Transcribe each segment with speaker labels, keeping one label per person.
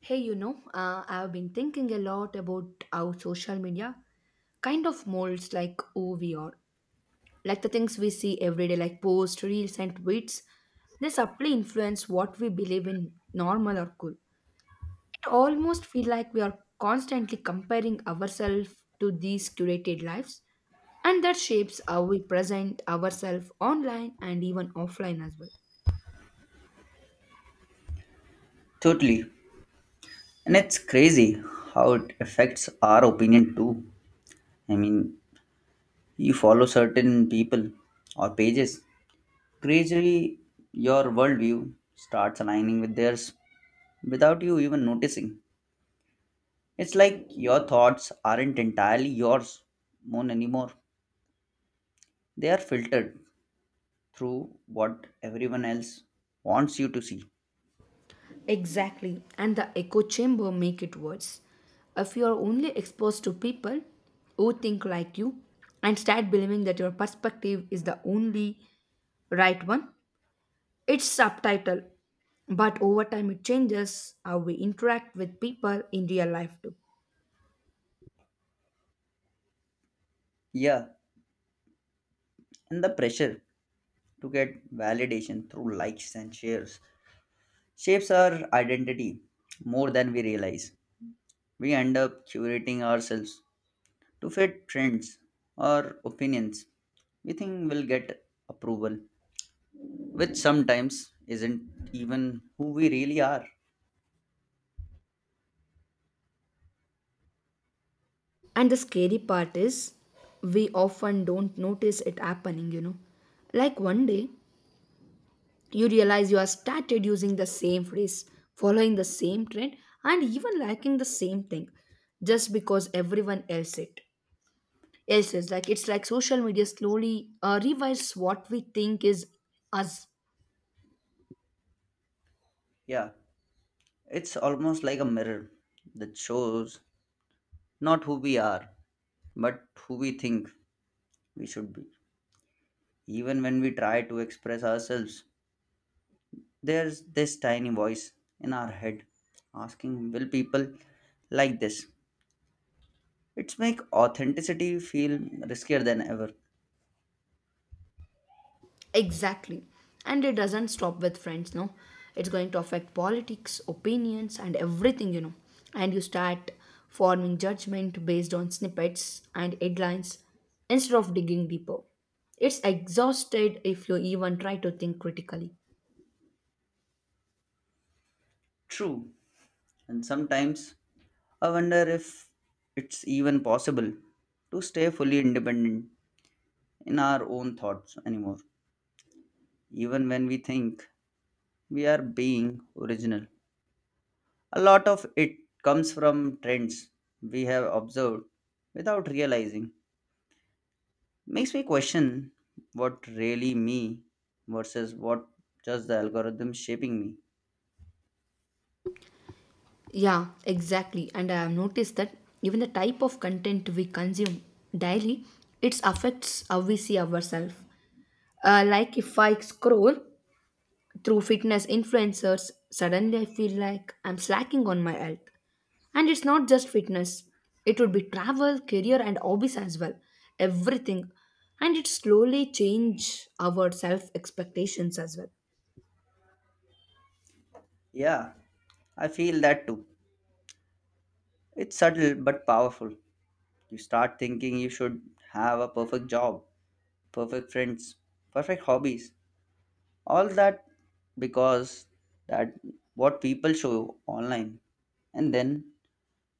Speaker 1: Hey, I've been thinking a lot about how social media kind of molds like who we are. Like the things we see every day, like posts, reels, and tweets, they subtly influence what we believe in normal or cool. It almost feels like we are constantly comparing ourselves to these curated lives, and that shapes how we present ourselves online and even offline as well.
Speaker 2: Totally. And it's crazy how it affects our opinion too. I mean, you follow certain people or pages, gradually your worldview starts aligning with theirs without you even noticing. It's like your thoughts aren't entirely yours own anymore. They are filtered through what everyone else wants you to see.
Speaker 1: Exactly, and the echo chamber make it worse. If you are only exposed to people who think like you and start believing that your perspective is the only right one, it's subtitle. But over time it changes how we interact with people in real life too.
Speaker 2: Yeah, and the pressure to get validation through likes and shares shapes our identity more than we realize. We end up curating ourselves to fit trends or opinions we think will get approval, which sometimes isn't even who we really are.
Speaker 1: And the scary part is, we often don't notice it happening. Like one day, you realize you have started using the same phrase, following the same trend, and even liking the same thing just because everyone else it else is like it's like social media slowly revives what we think is us.
Speaker 2: Yeah, it's almost like a mirror that shows not who we are, but who we think we should be. Even when we try to express ourselves, there's this tiny voice in our head asking, will people like this? It's make authenticity feel riskier than ever.
Speaker 1: Exactly. And it doesn't stop with friends, no. It's going to affect politics, opinions, and everything. And you start forming judgment based on snippets and headlines instead of digging deeper. It's exhausted if you even try to think critically.
Speaker 2: True. And sometimes I wonder if it's even possible to stay fully independent in our own thoughts anymore, even when we think we are being original. A lot of it comes from trends we have observed without realizing. Makes me question what really me versus what just the algorithm shaping me.
Speaker 1: Yeah, exactly. And I have noticed that even the type of content we consume daily, it affects how we see ourselves. Like if I scroll through fitness influencers, suddenly I feel like I'm slacking on my health. And it's not just fitness, it would be travel, career, and hobbies as well. Everything. And it slowly change our self expectations as well.
Speaker 2: Yeah, I feel that too. It's subtle but powerful. You start thinking you should have a perfect job, perfect friends, perfect hobbies, all that because that what people show online. And then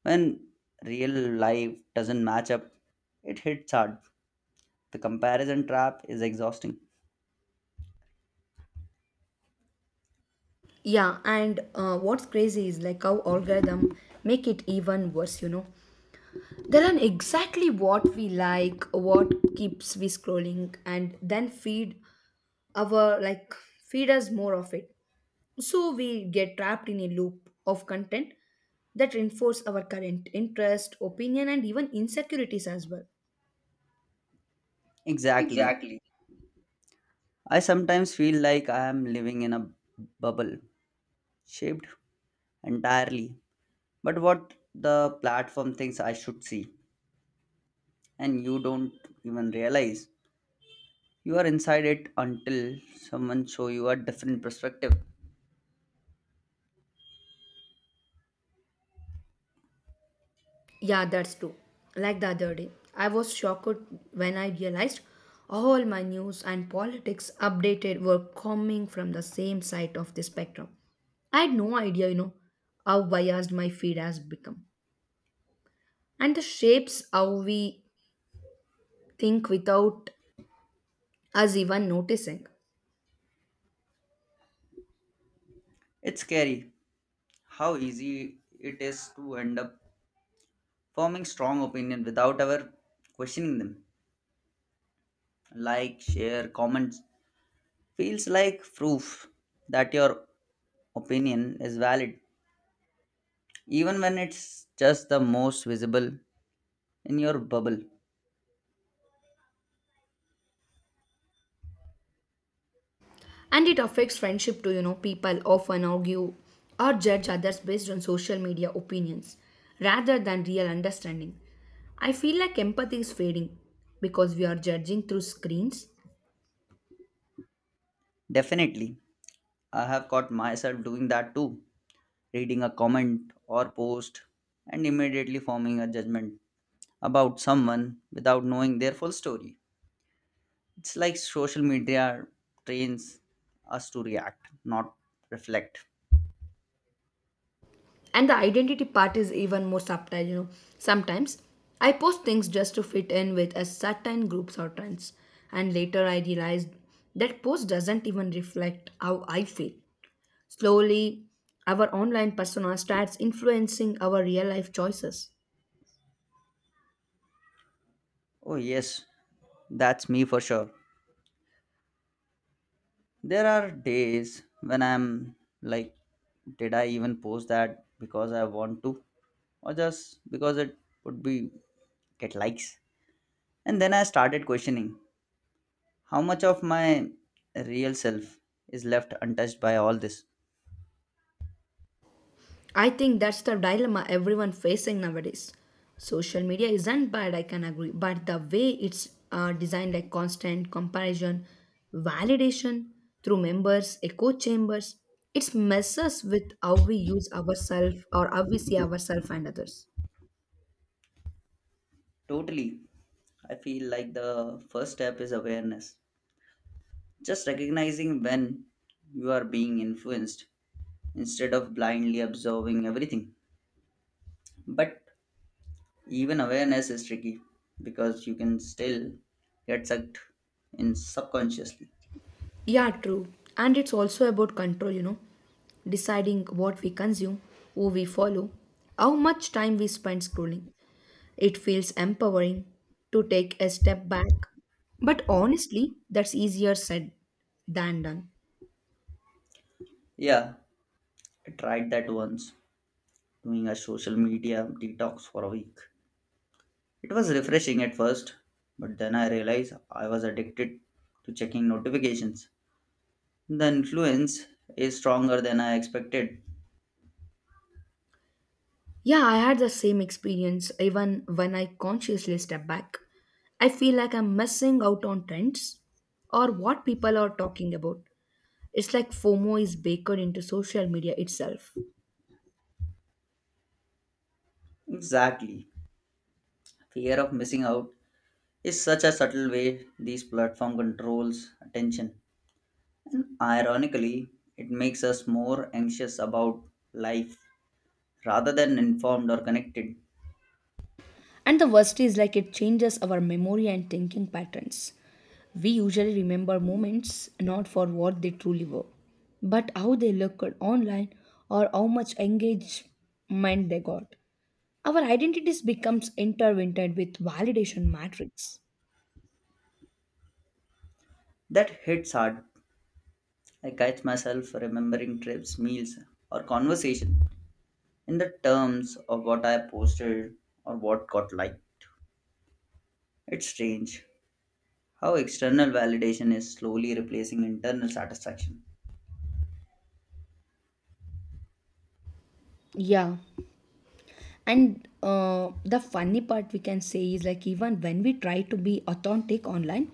Speaker 2: when real life doesn't match up, it hits hard. The comparison trap is exhausting.
Speaker 1: Yeah, and what's crazy is like how algorithm make it even worse. They learn exactly what we like, what keeps we scrolling, and then feed our like feed us more of it so we get trapped in a loop of content that reinforce our current interest opinion and even insecurities as well.
Speaker 2: Exactly.
Speaker 1: Exactly.
Speaker 2: I sometimes feel like I am living in a bubble shaped entirely but what the platform thinks I should see. And you don't even realize you are inside it until someone show you a different perspective.
Speaker 1: Yeah, that's true. Like the other day I was shocked when I realized all my news and politics updated were coming from the same side of the spectrum. I had no idea how biased my feed has become, and the shapes how we think without us even noticing.
Speaker 2: It's scary how easy it is to end up forming strong opinion without ever questioning them. Like share comments feels like proof that your opinion is valid even when it's just the most visible in your bubble.
Speaker 1: And it affects friendship too. People often argue or judge others based on social media opinions rather than real understanding. I feel like empathy is fading because we are judging through screens.
Speaker 2: Definitely, I have caught myself doing that too, reading a comment or post, and immediately forming a judgment about someone without knowing their full story. It's like social media trains us to react, not reflect.
Speaker 1: And the identity part is even more subtle. Sometimes I post things just to fit in with a certain groups or trends. And later I realize that post doesn't even reflect how I feel. Slowly, our online persona starts influencing our real life choices.
Speaker 2: Oh, yes, that's me for sure. There are days when I'm like, did I even post that because I want to, or just because it would be get likes? And then I started questioning, how much of my real self is left untouched by all this?
Speaker 1: I think that's the dilemma everyone facing nowadays. Social media isn't bad, I can agree, but the way it's designed, like constant comparison, validation through members, echo chambers, it messes with how we use ourselves or how we see ourselves and others.
Speaker 2: Totally. I feel like the first step is awareness. Just recognizing when you are being influenced instead of blindly absorbing everything. But even awareness is tricky because you can still get sucked in subconsciously.
Speaker 1: Yeah, true. And it's also about control, deciding what we consume, who we follow, how much time we spend scrolling. It feels empowering to take a step back. But honestly, that's easier said than done.
Speaker 2: Yeah, I tried that once, doing a social media detox for a week. It was refreshing at first, but then I realized I was addicted to checking notifications. The influence is stronger than I expected.
Speaker 1: Yeah, I had the same experience even when I consciously step back. I feel like I'm missing out on trends or what people are talking about. It's like FOMO is baked into social media itself.
Speaker 2: Exactly. Fear of missing out is such a subtle way these platform controls attention. And ironically, it makes us more anxious about life rather than informed or connected.
Speaker 1: And the worst is like it changes our memory and thinking patterns. We usually remember moments not for what they truly were, but how they looked online or how much engagement they got. Our identities becomes intertwined with validation matrix.
Speaker 2: That hits hard. I catch myself remembering trips, meals, or conversation in the terms of what I posted or what got liked. It's strange how external validation is slowly replacing internal satisfaction.
Speaker 1: Yeah. And the funny part we can say is like even when we try to be authentic online,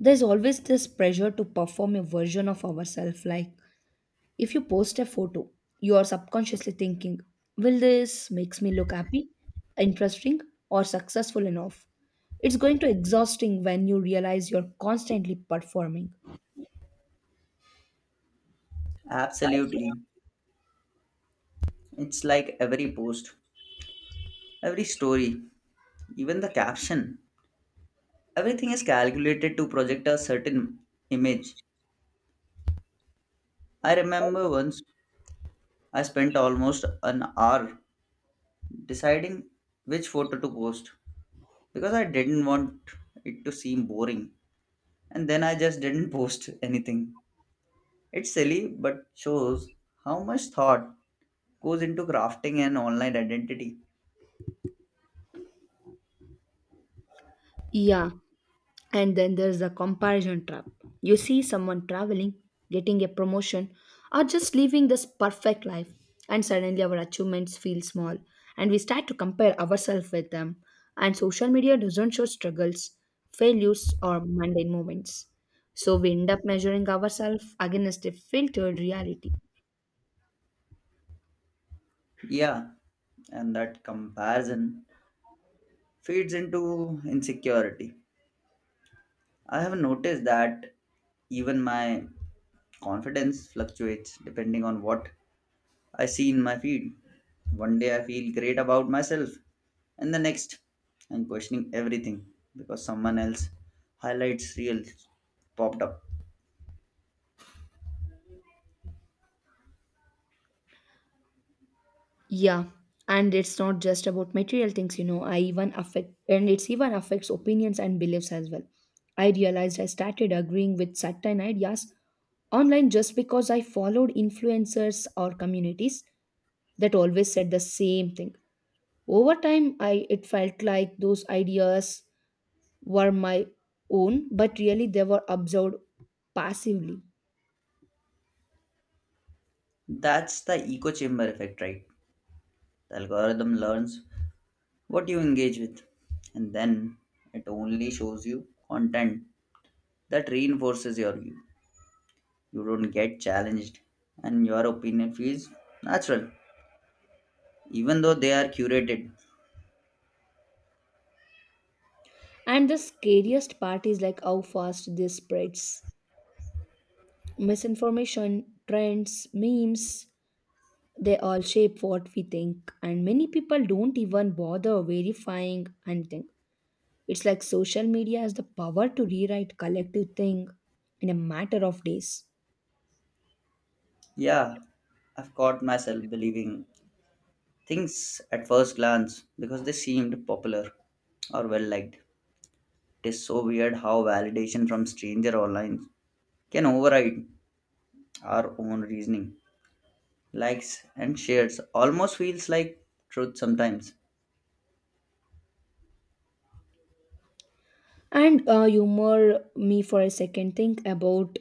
Speaker 1: there's always this pressure to perform a version of ourselves like if you post a photo, you are subconsciously thinking, will this makes me look happy, interesting, or successful enough? It's going to exhausting when you realize you're constantly performing.
Speaker 2: Absolutely. It's like every post, every story, even the caption. Everything is calculated to project a certain image. I remember once I spent almost an hour deciding which photo to post because I didn't want it to seem boring, and then I just didn't post anything. It's silly, but shows how much thought goes into crafting an online identity.
Speaker 1: Yeah, and then there's a comparison trap. You see someone traveling, getting a promotion, or just living this perfect life, and suddenly our achievements feel small, and we start to compare ourselves with them. And social media doesn't show struggles, failures, or mundane moments. So we end up measuring ourselves against a filtered reality.
Speaker 2: Yeah, and that comparison feeds into insecurity. I have noticed that even my confidence fluctuates depending on what I see in my feed. One day I feel great about myself, and the next I'm questioning everything because someone else highlights reels popped up.
Speaker 1: Yeah, and it's not just about material things. I even affect, and It's even affects opinions and beliefs as well. I realized I started agreeing with certain ideas online just because I followed influencers or communities that always said the same thing. Over time, I it felt like those ideas were my own, but really they were absorbed passively.
Speaker 2: That's the echo chamber effect, right? The algorithm learns what you engage with, and then it only shows you content that reinforces your view. You don't get challenged, and your opinion feels natural, even though they are curated.
Speaker 1: And the scariest part is like how fast this spreads. Misinformation, trends, memes, they all shape what we think. And many people don't even bother verifying anything. It's like social media has the power to rewrite collective thing in a matter of days.
Speaker 2: Yeah, I've caught myself believing things at first glance because they seemed popular or well liked. It is so weird how validation from stranger online can override our own reasoning. Likes and shares almost feels like truth sometimes.
Speaker 1: And humor me for a second. Think about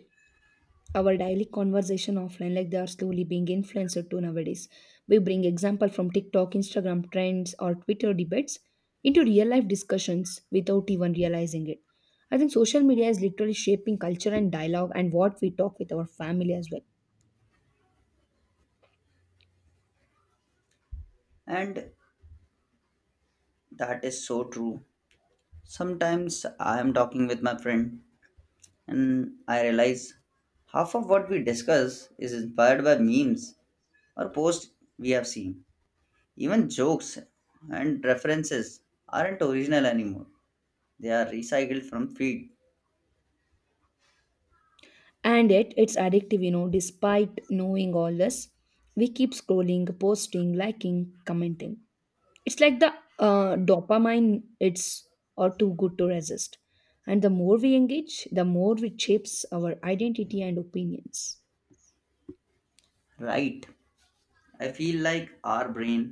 Speaker 1: our daily conversation offline like they are slowly being influenced to nowadays. We bring example from TikTok, Instagram trends, or Twitter debates into real life discussions without even realizing it. I think social media is literally shaping culture and dialogue and what we talk with our family as well.
Speaker 2: And that is so true. Sometimes I am talking with my friend and I realize half of what we discuss is inspired by memes or posts we have seen. Even jokes and references aren't original anymore, they are recycled from feed.
Speaker 1: And yet it's addictive despite knowing all this, we keep scrolling, posting, liking, commenting. It's like the dopamine, it's or too good to resist. And the more we engage, the more it shapes our identity and opinions.
Speaker 2: Right, I feel like our brain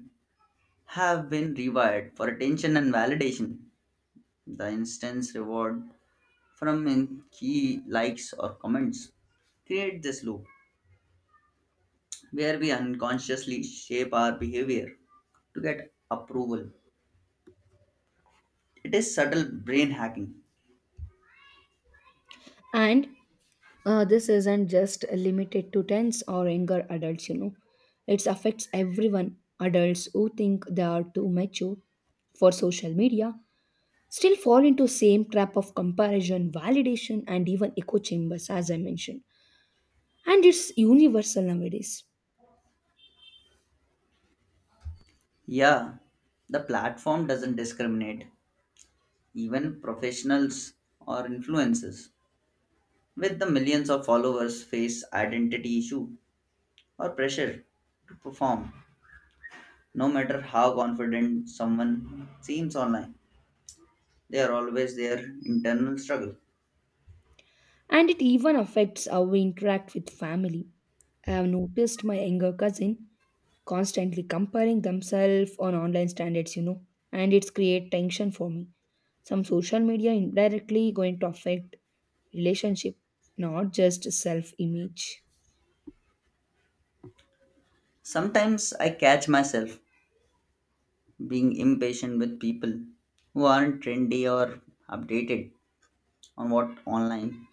Speaker 2: have been rewired for attention and validation. The instance reward from in key likes or comments create this loop where we unconsciously shape our behavior to get approval. It is subtle brain hacking.
Speaker 1: And this isn't just limited to tense or younger adults. It affects everyone. Adults who think they are too mature for social media still fall into same trap of comparison, validation, and even echo chambers, as I mentioned. And it's universal nowadays.
Speaker 2: Yeah, the platform doesn't discriminate, even professionals or influencers with the millions of followers face identity issue or pressure to perform. No matter how confident someone seems online, they are always their internal struggle.
Speaker 1: And it even affects how we interact with family. I have noticed my younger cousin constantly comparing themselves on online standards, and it's create tension for me. Some social media indirectly going to affect relationship, not just self-image.
Speaker 2: Sometimes I catch myself being impatient with people who aren't trendy or updated on what online.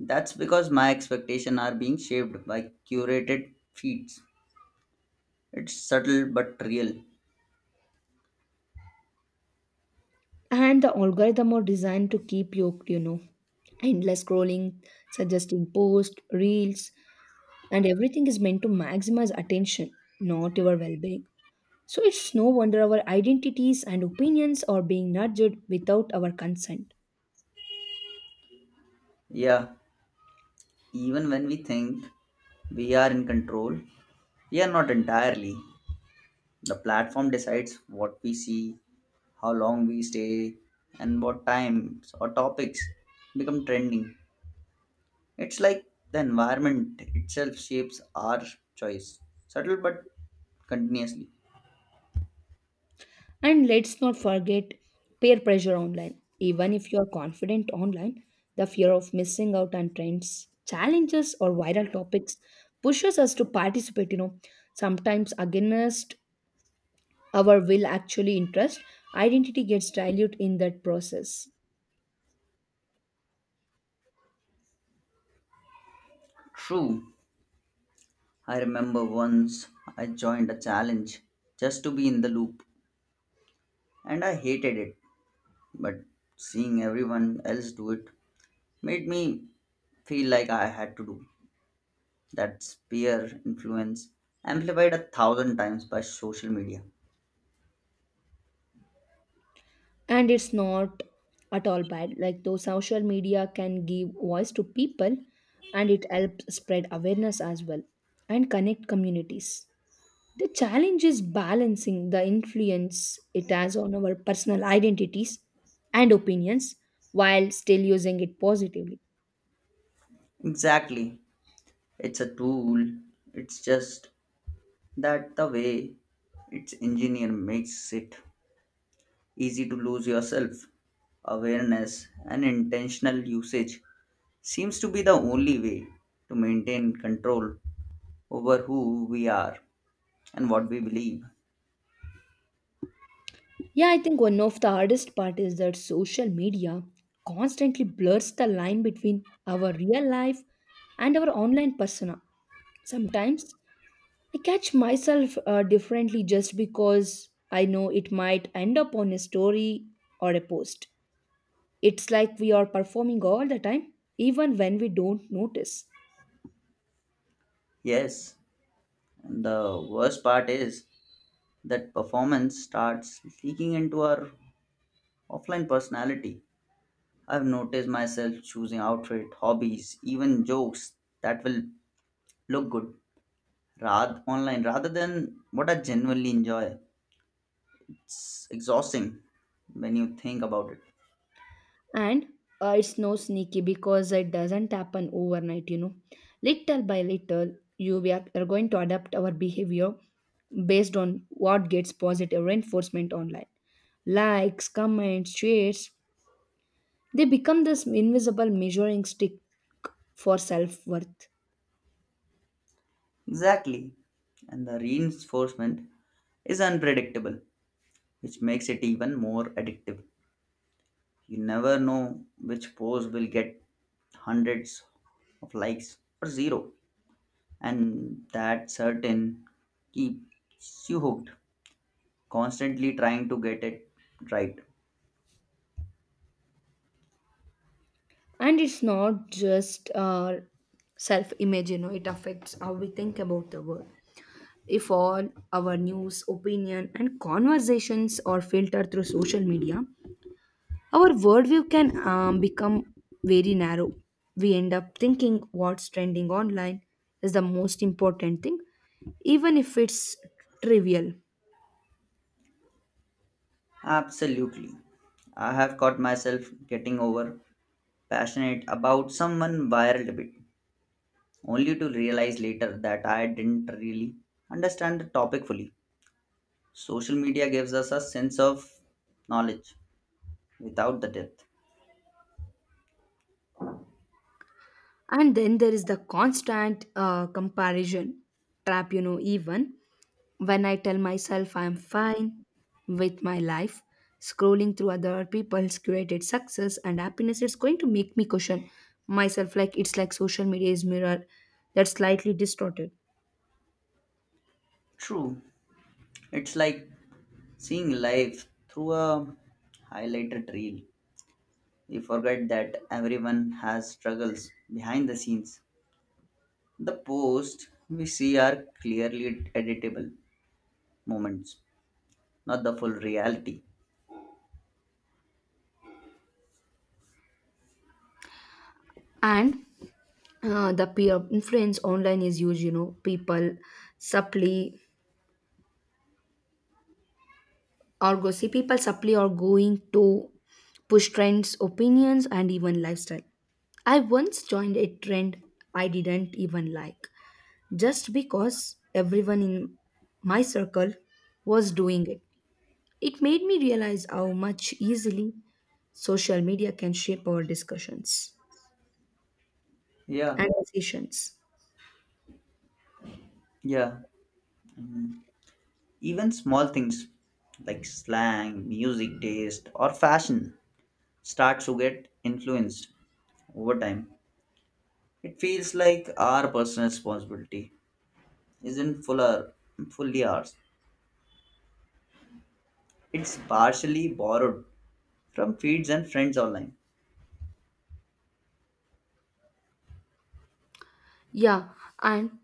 Speaker 2: That's because my expectations are being shaped by curated feeds. It's subtle but real.
Speaker 1: And the algorithm are designed to keep yoked, endless scrolling, suggesting posts, reels, and everything is meant to maximize attention, not your well-being. So it's no wonder our identities and opinions are being nudged without our consent.
Speaker 2: Yeah, even when we think we are in control, we are not entirely. The platform decides what we see, how long we stay, and what times or topics become trending. It's like the environment itself shapes our choice, subtle but continuously.
Speaker 1: And let's not forget peer pressure online. Even if you are confident online, the fear of missing out on trends, challenges, or viral topics pushes us to participate, sometimes against our will actually interest. Identity gets diluted in that process.
Speaker 2: True, I remember once I joined a challenge just to be in the loop, and I hated it, but seeing everyone else do it made me feel like I had to do. That peer influence amplified a thousand times by social media.
Speaker 1: And it's not at all bad like though social media can give voice to people and it helps spread awareness as well and connect communities. The challenge is balancing the influence it has on our personal identities and opinions while still using it positively.
Speaker 2: Exactly, it's a tool, it's just that the way its engineer makes it easy to lose yourself. Awareness and intentional usage seems to be the only way to maintain control over who we are and what we believe.
Speaker 1: Yeah, I think one of the hardest part is that social media constantly blurs the line between our real life and our online persona. Sometimes I catch myself differently just because I know it might end up on a story or a post. It's like we are performing all the time, even when we don't notice.
Speaker 2: Yes, and the worst part is that performance starts leaking into our offline personality. I've noticed myself choosing outfit, hobbies, even jokes that will look good rath online rather than what I genuinely enjoy. It's exhausting when you think about it.
Speaker 1: And it's no sneaky because it doesn't happen overnight, you know. Little by little, you we are going to adapt our behavior based on what gets positive reinforcement online. Likes, comments, shares, they become this invisible measuring stick for self worth.
Speaker 2: Exactly. And the reinforcement is unpredictable, which makes it even more addictive. You never know which post will get hundreds of likes or zero, and that certain keeps you hooked, constantly trying to get it right.
Speaker 1: And it's not just our self image, it affects how we think about the world. If all our news opinion and conversations are filtered through social media, our worldview can become very narrow. We end up thinking what's trending online is the most important thing, even if it's trivial.
Speaker 2: Absolutely. I have caught myself getting over passionate about someone viral debate, only to realize later that I didn't really understand the topic fully. Social media gives us a sense of knowledge without the depth.
Speaker 1: And then there is the constant comparison trap, even when I tell myself I'm fine with my life, scrolling through other people's curated success and happiness, it's going to make me question myself. Like it's like social media is mirror that's slightly distorted.
Speaker 2: True, it's like seeing life through a highlighted reel. We forget that everyone has struggles behind the scenes. The posts we see are clearly editable moments, not the full reality.
Speaker 1: And the peer influence online is huge. People supply or go see people supply, are going to push trends, opinions, and even lifestyle. I once joined a trend I didn't even like just because everyone in my circle was doing it. It made me realize how much easily social media can shape our discussions
Speaker 2: Yeah,
Speaker 1: and decisions.
Speaker 2: yeah. Even small things like slang, music taste, or fashion start to get influenced over time. It feels like our personal responsibility isn't fully ours. It's partially borrowed from feeds and friends online.
Speaker 1: Yeah, and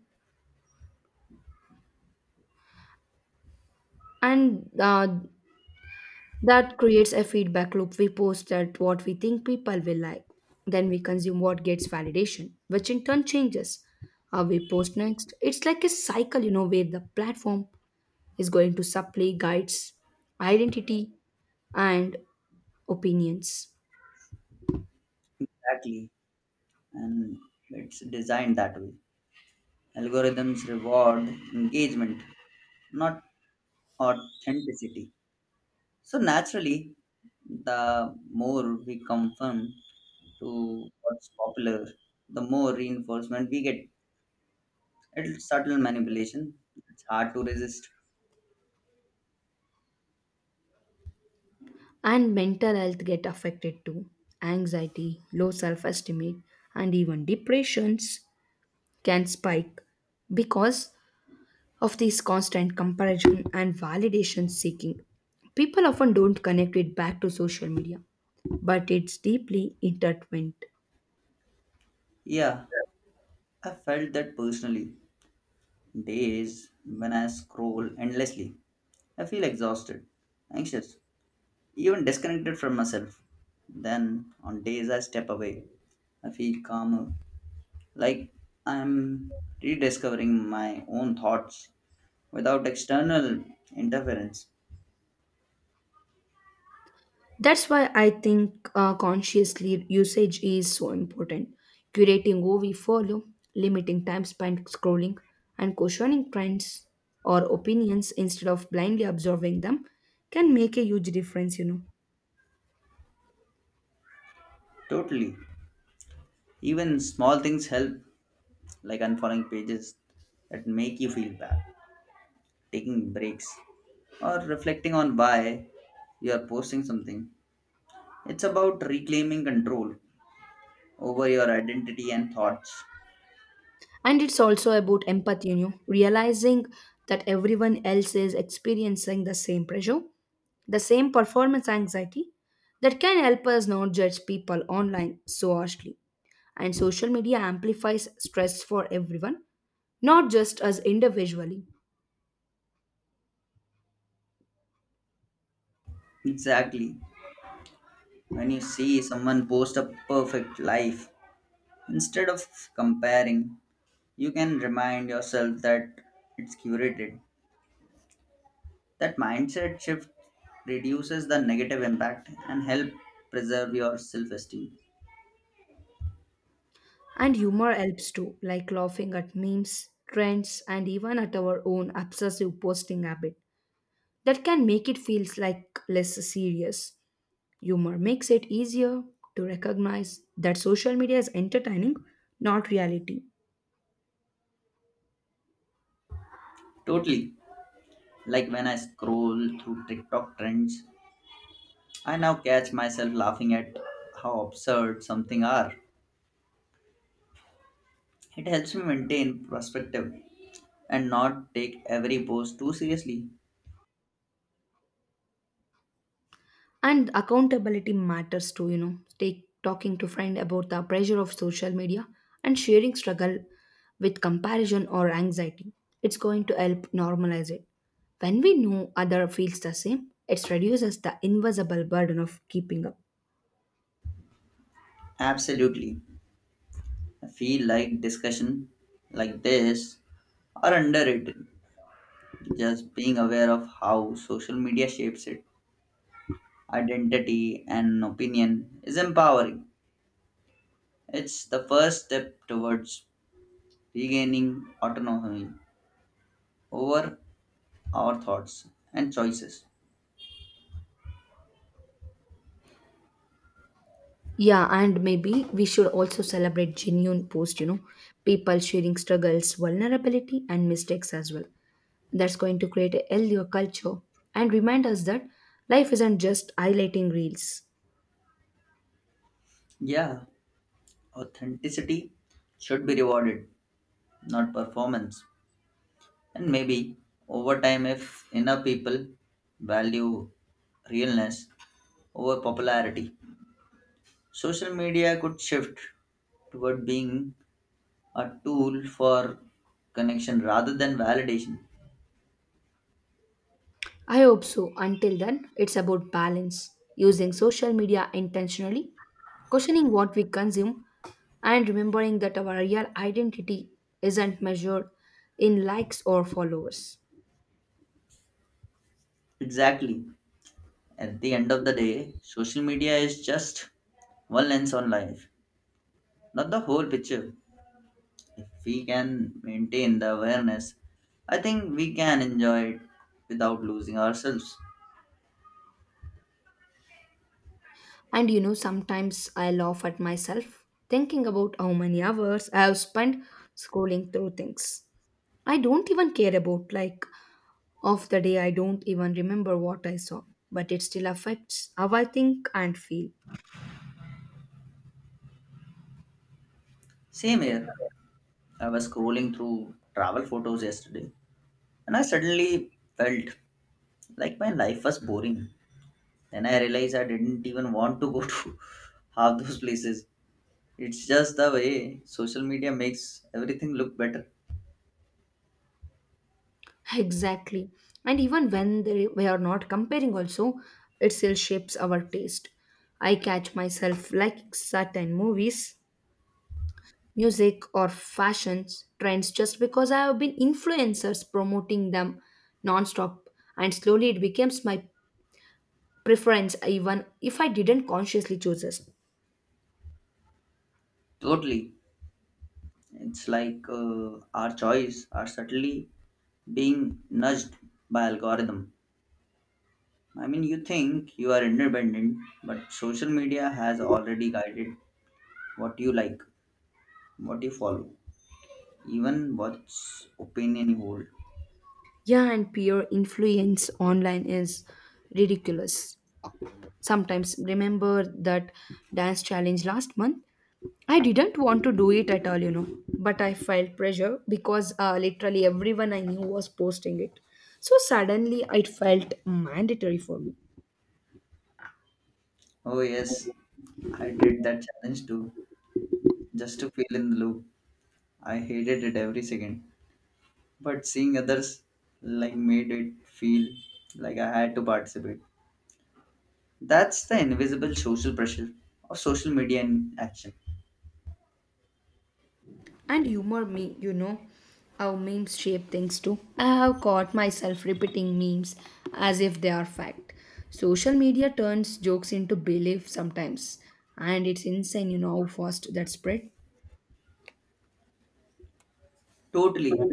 Speaker 1: and that creates a feedback loop. We post at what we think people will like. Then we consume what gets validation, which in turn changes how we post next. It's like a cycle, you know, where the platform is going to supply guides, identity, and opinions.
Speaker 2: Exactly, and it's designed that way. Algorithms reward engagement, not authenticity. So naturally, the more we conform to what's popular, the more reinforcement we get. It's subtle manipulation. It's hard to resist.
Speaker 1: And mental health get affected too. Anxiety, low self-esteem, and even depressions can spike because of this constant comparison and validation seeking. People often don't connect it back to social media, but it's deeply intertwined.
Speaker 2: Yeah, I felt that personally. Days when I scroll endlessly, I feel exhausted, anxious, even disconnected from myself. Then on days I step away, I feel calmer, like I'm rediscovering my own thoughts without external interference.
Speaker 1: That's why I think consciously usage is so important. Curating who we follow, limiting time spent scrolling, and questioning trends or opinions instead of blindly absorbing them can make a huge difference, you know.
Speaker 2: Totally. Even small things help, like unfollowing pages that make you feel bad, taking breaks, or reflecting on why you are posting something. It's about reclaiming control over your identity and thoughts.
Speaker 1: And it's also about empathy, you know, realizing that everyone else is experiencing the same pressure, the same performance anxiety that can help us not judge people online so harshly. And social media amplifies stress for everyone, not just us individually.
Speaker 2: Exactly. When you see someone post a perfect life, instead of comparing, you can remind yourself that it's curated. That mindset shift reduces the negative impact and help preserve your self-esteem.
Speaker 1: And humor helps too, like laughing at memes, trends, and even at our own obsessive posting habit that can make it feels like less serious. Humor makes it easier to recognize that social media is entertaining, not reality.
Speaker 2: Totally. Like when I scroll through TikTok trends, I now catch myself laughing at how absurd something are. It helps me maintain perspective and not take every post too seriously.
Speaker 1: And accountability matters too, you know. Take talking to friend about the pressure of social media and sharing struggle with comparison or anxiety. It's going to help normalize it. When we know other feels the same, it reduces the invisible burden of keeping up.
Speaker 2: Absolutely. I feel like discussion like this are underrated. Just being aware of how social media shapes it identity, and opinion is empowering. It's the first step towards regaining autonomy over our thoughts and choices.
Speaker 1: Yeah, and maybe we should also celebrate genuine posts, you know, people sharing struggles, vulnerability, and mistakes as well. That's going to create a healthier culture and remind us that life isn't just highlighting reels.
Speaker 2: Yeah, authenticity should be rewarded, not performance. And maybe over time, if enough people value realness over popularity, social media could shift toward being a tool for connection rather than validation.
Speaker 1: I hope so. Until then, it's about balance, using social media intentionally, questioning what we consume, and remembering that our real identity isn't measured in likes or followers.
Speaker 2: Exactly. At the end of the day, social media is just one lens on life, not the whole picture. If we can maintain the awareness, I think we can enjoy it without losing ourselves.
Speaker 1: And you know, sometimes I laugh at myself thinking about how many hours I have spent scrolling through things. I don't even care about, like, of the day, I don't even remember what I saw, but it still affects how I think and feel.
Speaker 2: Same here, I was scrolling through travel photos yesterday and I suddenly felt like my life was boring. Then I realized I didn't even want to go to half those places. It's just the way social media makes everything look better.
Speaker 1: Exactly. And even when they, we are not comparing, also, it still shapes our taste. I catch myself liking certain movies music or fashions trends just because I have been influencers promoting them nonstop, and slowly it becomes my preference even if I didn't consciously choose this.
Speaker 2: Totally. It's like our choice are subtly being nudged by algorithm. I mean, you think you are independent, but social media has already guided what you like, what you follow, even what opinion you hold.
Speaker 1: Yeah, and peer influence online is ridiculous. Sometimes remember that dance challenge last month. I didn't want to do it at all, you know, but I felt pressure because literally everyone I knew was posting it. So suddenly it felt mandatory for me.
Speaker 2: Oh yes, I did that challenge too, just to feel in the loop. I hated it every second, but seeing others like made it feel like I had to participate. That's the invisible social pressure of social media in action.
Speaker 1: And humor me, you know how memes shape things too. I have caught myself repeating memes as if they are fact. Social media turns jokes into belief sometimes, and it's insane, you know, how fast that spread.
Speaker 2: Totally.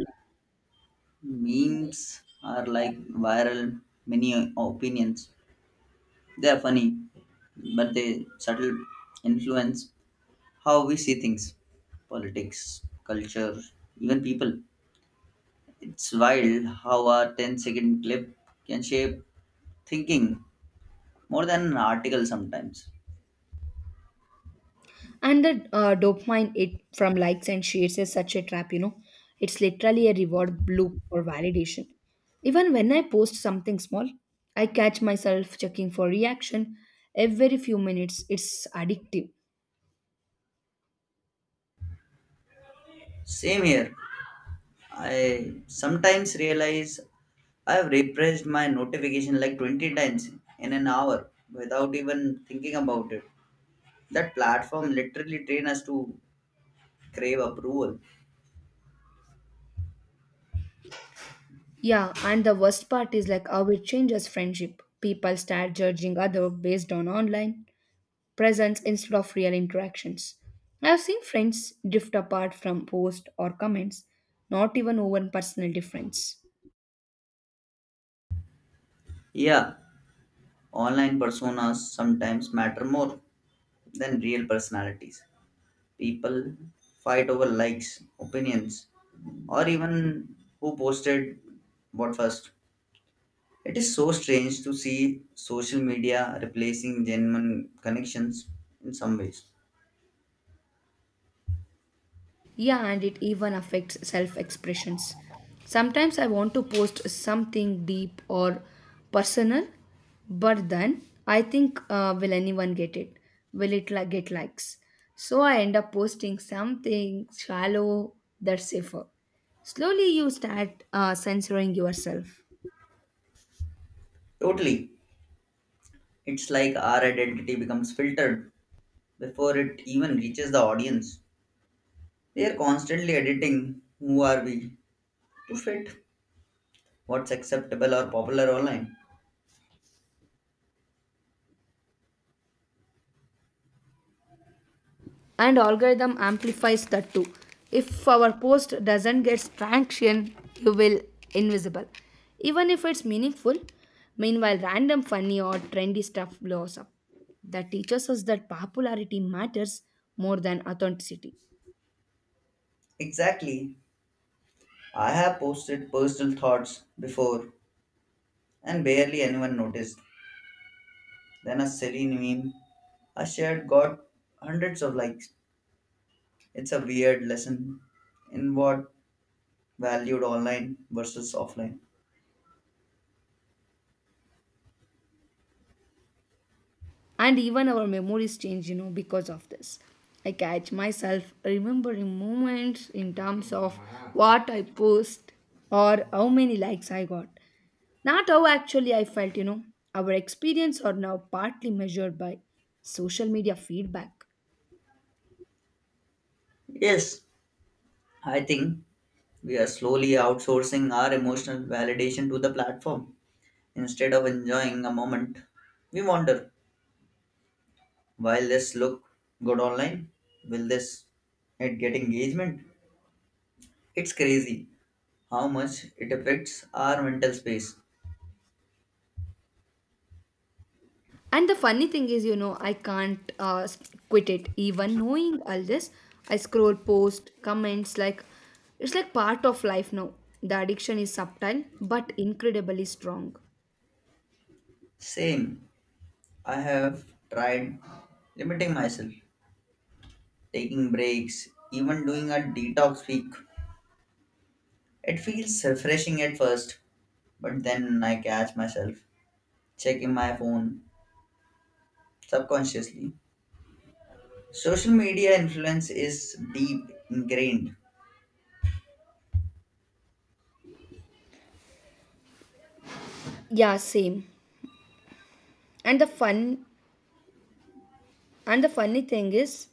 Speaker 2: Memes are like viral mini opinions. They are funny, but they subtle influence how we see things, politics, culture, even people. It's wild how a ten-second clip can shape thinking more than an article sometimes.
Speaker 1: And the dopamine it from likes and shares is such a trap, you know. It's literally a reward loop for validation. Even when I post something small, I catch myself checking for reaction every few minutes. It's addictive.
Speaker 2: Same here. I sometimes realize I've refreshed my notification like 20 times in an hour without even thinking about it. That platform literally train us to crave approval.
Speaker 1: Yeah, and the worst part is like how it changes friendship. People start judging other based on online presence instead of real interactions. I've seen friends drift apart from posts or comments, not even over personal difference.
Speaker 2: Yeah, online personas sometimes matter more than real personalities. People fight over likes, opinions, or even who posted what first. It is so strange to see social media replacing genuine connections in some ways.
Speaker 1: Yeah, and it even affects self expressions. Sometimes I want to post something deep or personal, but then I think, will anyone get it? Get likes? So I end up posting something shallow that's safer. Slowly, you start censoring yourself.
Speaker 2: Totally. It's like our identity becomes filtered before it even reaches the audience. They are constantly editing who are we to fit what's acceptable or popular online.
Speaker 1: And algorithm amplifies that too. If our post doesn't get traction you will invisible even if it's meaningful. Meanwhile random funny or trendy stuff blows up. That teaches us that popularity matters more than authenticity.
Speaker 2: Exactly. I have posted personal thoughts before and barely anyone noticed. Then a silly meme I shared got hundreds of likes. It's a weird lesson in what valued online versus offline.
Speaker 1: And even our memories change, you know, because of this. I catch myself remembering moments in terms of what I post or how many likes I got. Not how actually I felt, you know. Our experience are now partly measured by social media feedback.
Speaker 2: Yes, I think we are slowly outsourcing our emotional validation to the platform. Instead of enjoying a moment, we wonder, will this look good online? Will this it get engagement? It's crazy how much it affects our mental space.
Speaker 1: And the funny thing is, you know, I can't quit it. Even knowing all this, I scroll post, comments, like it's like part of life now. The addiction is subtle but incredibly strong.
Speaker 2: Same, I have tried limiting myself, taking breaks, even doing a detox week. It feels refreshing at first, but then I catch myself checking my phone subconsciously. Social media influence is deep ingrained.
Speaker 1: Yeah, same. And the fun and the funny thing is,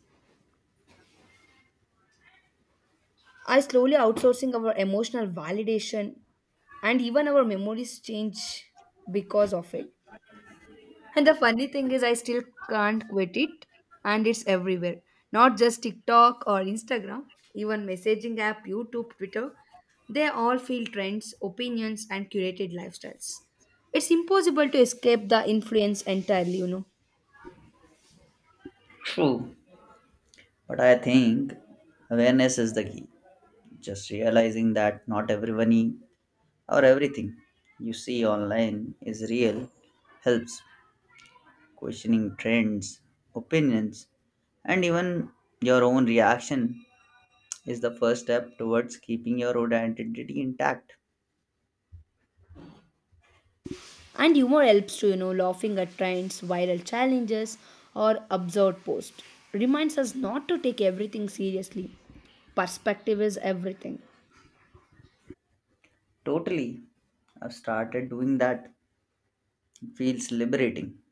Speaker 1: I slowly outsourcing our emotional validation and even our memories change because of it. And the funny thing is, I still can't quit it, and it's everywhere. Not just TikTok or Instagram, even messaging app, YouTube, Twitter. They all feel trends, opinions, and curated lifestyles. It's impossible to escape the influence entirely, you know.
Speaker 2: True, but I think awareness is the key. Just realizing that not or everything you see online is real helps. Questioning trends, opinions, and even your own reaction is the first step towards keeping your own identity intact.
Speaker 1: And humor helps to, you know, laughing at trends, viral challenges, or absurd posts. Reminds us not to take everything seriously. Perspective is everything.
Speaker 2: Totally. I've started doing that. It feels liberating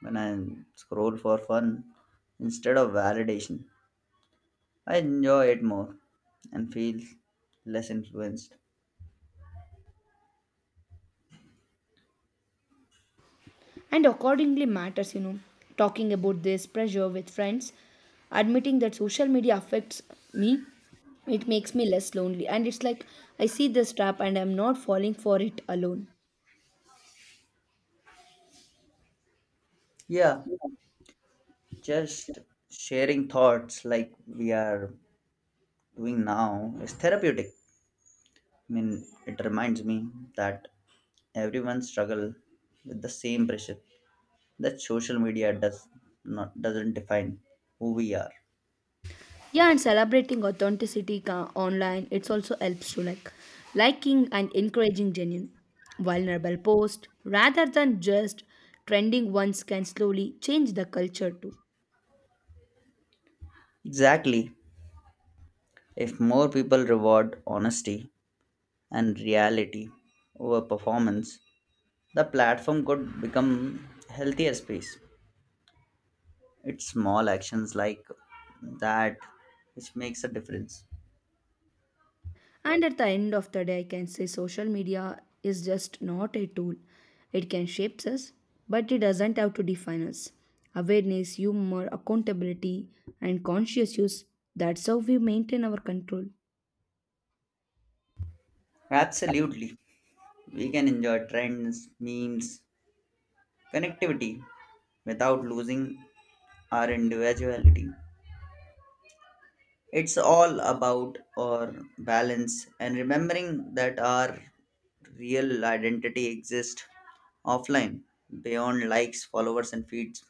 Speaker 2: when I scroll for fun instead of validation. I enjoy it more and feel less influenced.
Speaker 1: And accordingly matters, you know. Talking about this pressure with friends, admitting that social media affects me, it makes me less lonely and it's like I see this trap and I'm not falling for it alone.
Speaker 2: Yeah, just sharing thoughts like we are doing now is therapeutic. I mean, it reminds me that everyone struggle with the same pressure that social media doesn't define who we are.
Speaker 1: Yeah, and celebrating authenticity online it's also helps to like liking and encouraging genuine vulnerable posts rather than just trending ones can slowly change the culture too.
Speaker 2: Exactly. If more people reward honesty and reality over performance, the platform could become healthier space. It's small actions like that which makes a difference.
Speaker 1: And at the end of the day, I can say social media is just not a tool. It can shape us, but it doesn't have to define us. Awareness, humor, accountability, and conscious use that's how we maintain our control.
Speaker 2: Absolutely. We can enjoy trends, memes, connectivity without losing our individuality. It's all about our balance and remembering that our real identity exists offline, beyond likes, followers, and feeds.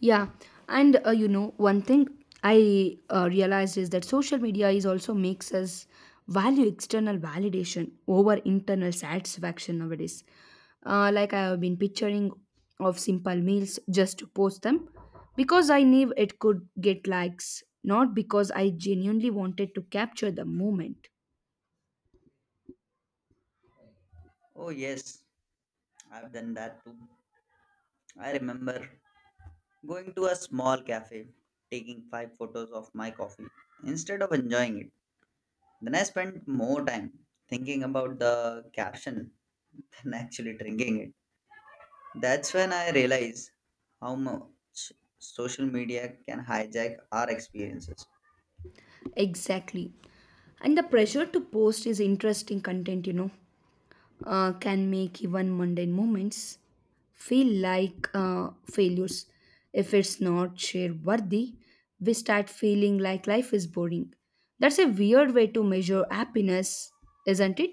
Speaker 1: Yeah, and you know, one thing I realized is that social media is also makes us value external validation over internal satisfaction nowadays. Like I have been picturing of simple meals just to post them because I knew it could get likes, not because I genuinely wanted to capture the moment.
Speaker 2: Oh, yes, I've done that too. I remember going to a small cafe, taking five photos of my coffee instead of enjoying it. Then I spent more time thinking about the caption than actually drinking it. That's when I realized how much social media can hijack our experiences.
Speaker 1: Exactly. And the pressure to post is interesting content, you know, can make even mundane moments feel like failures. If it's not share worthy, we start feeling like life is boring. That's a weird way to measure happiness, isn't it?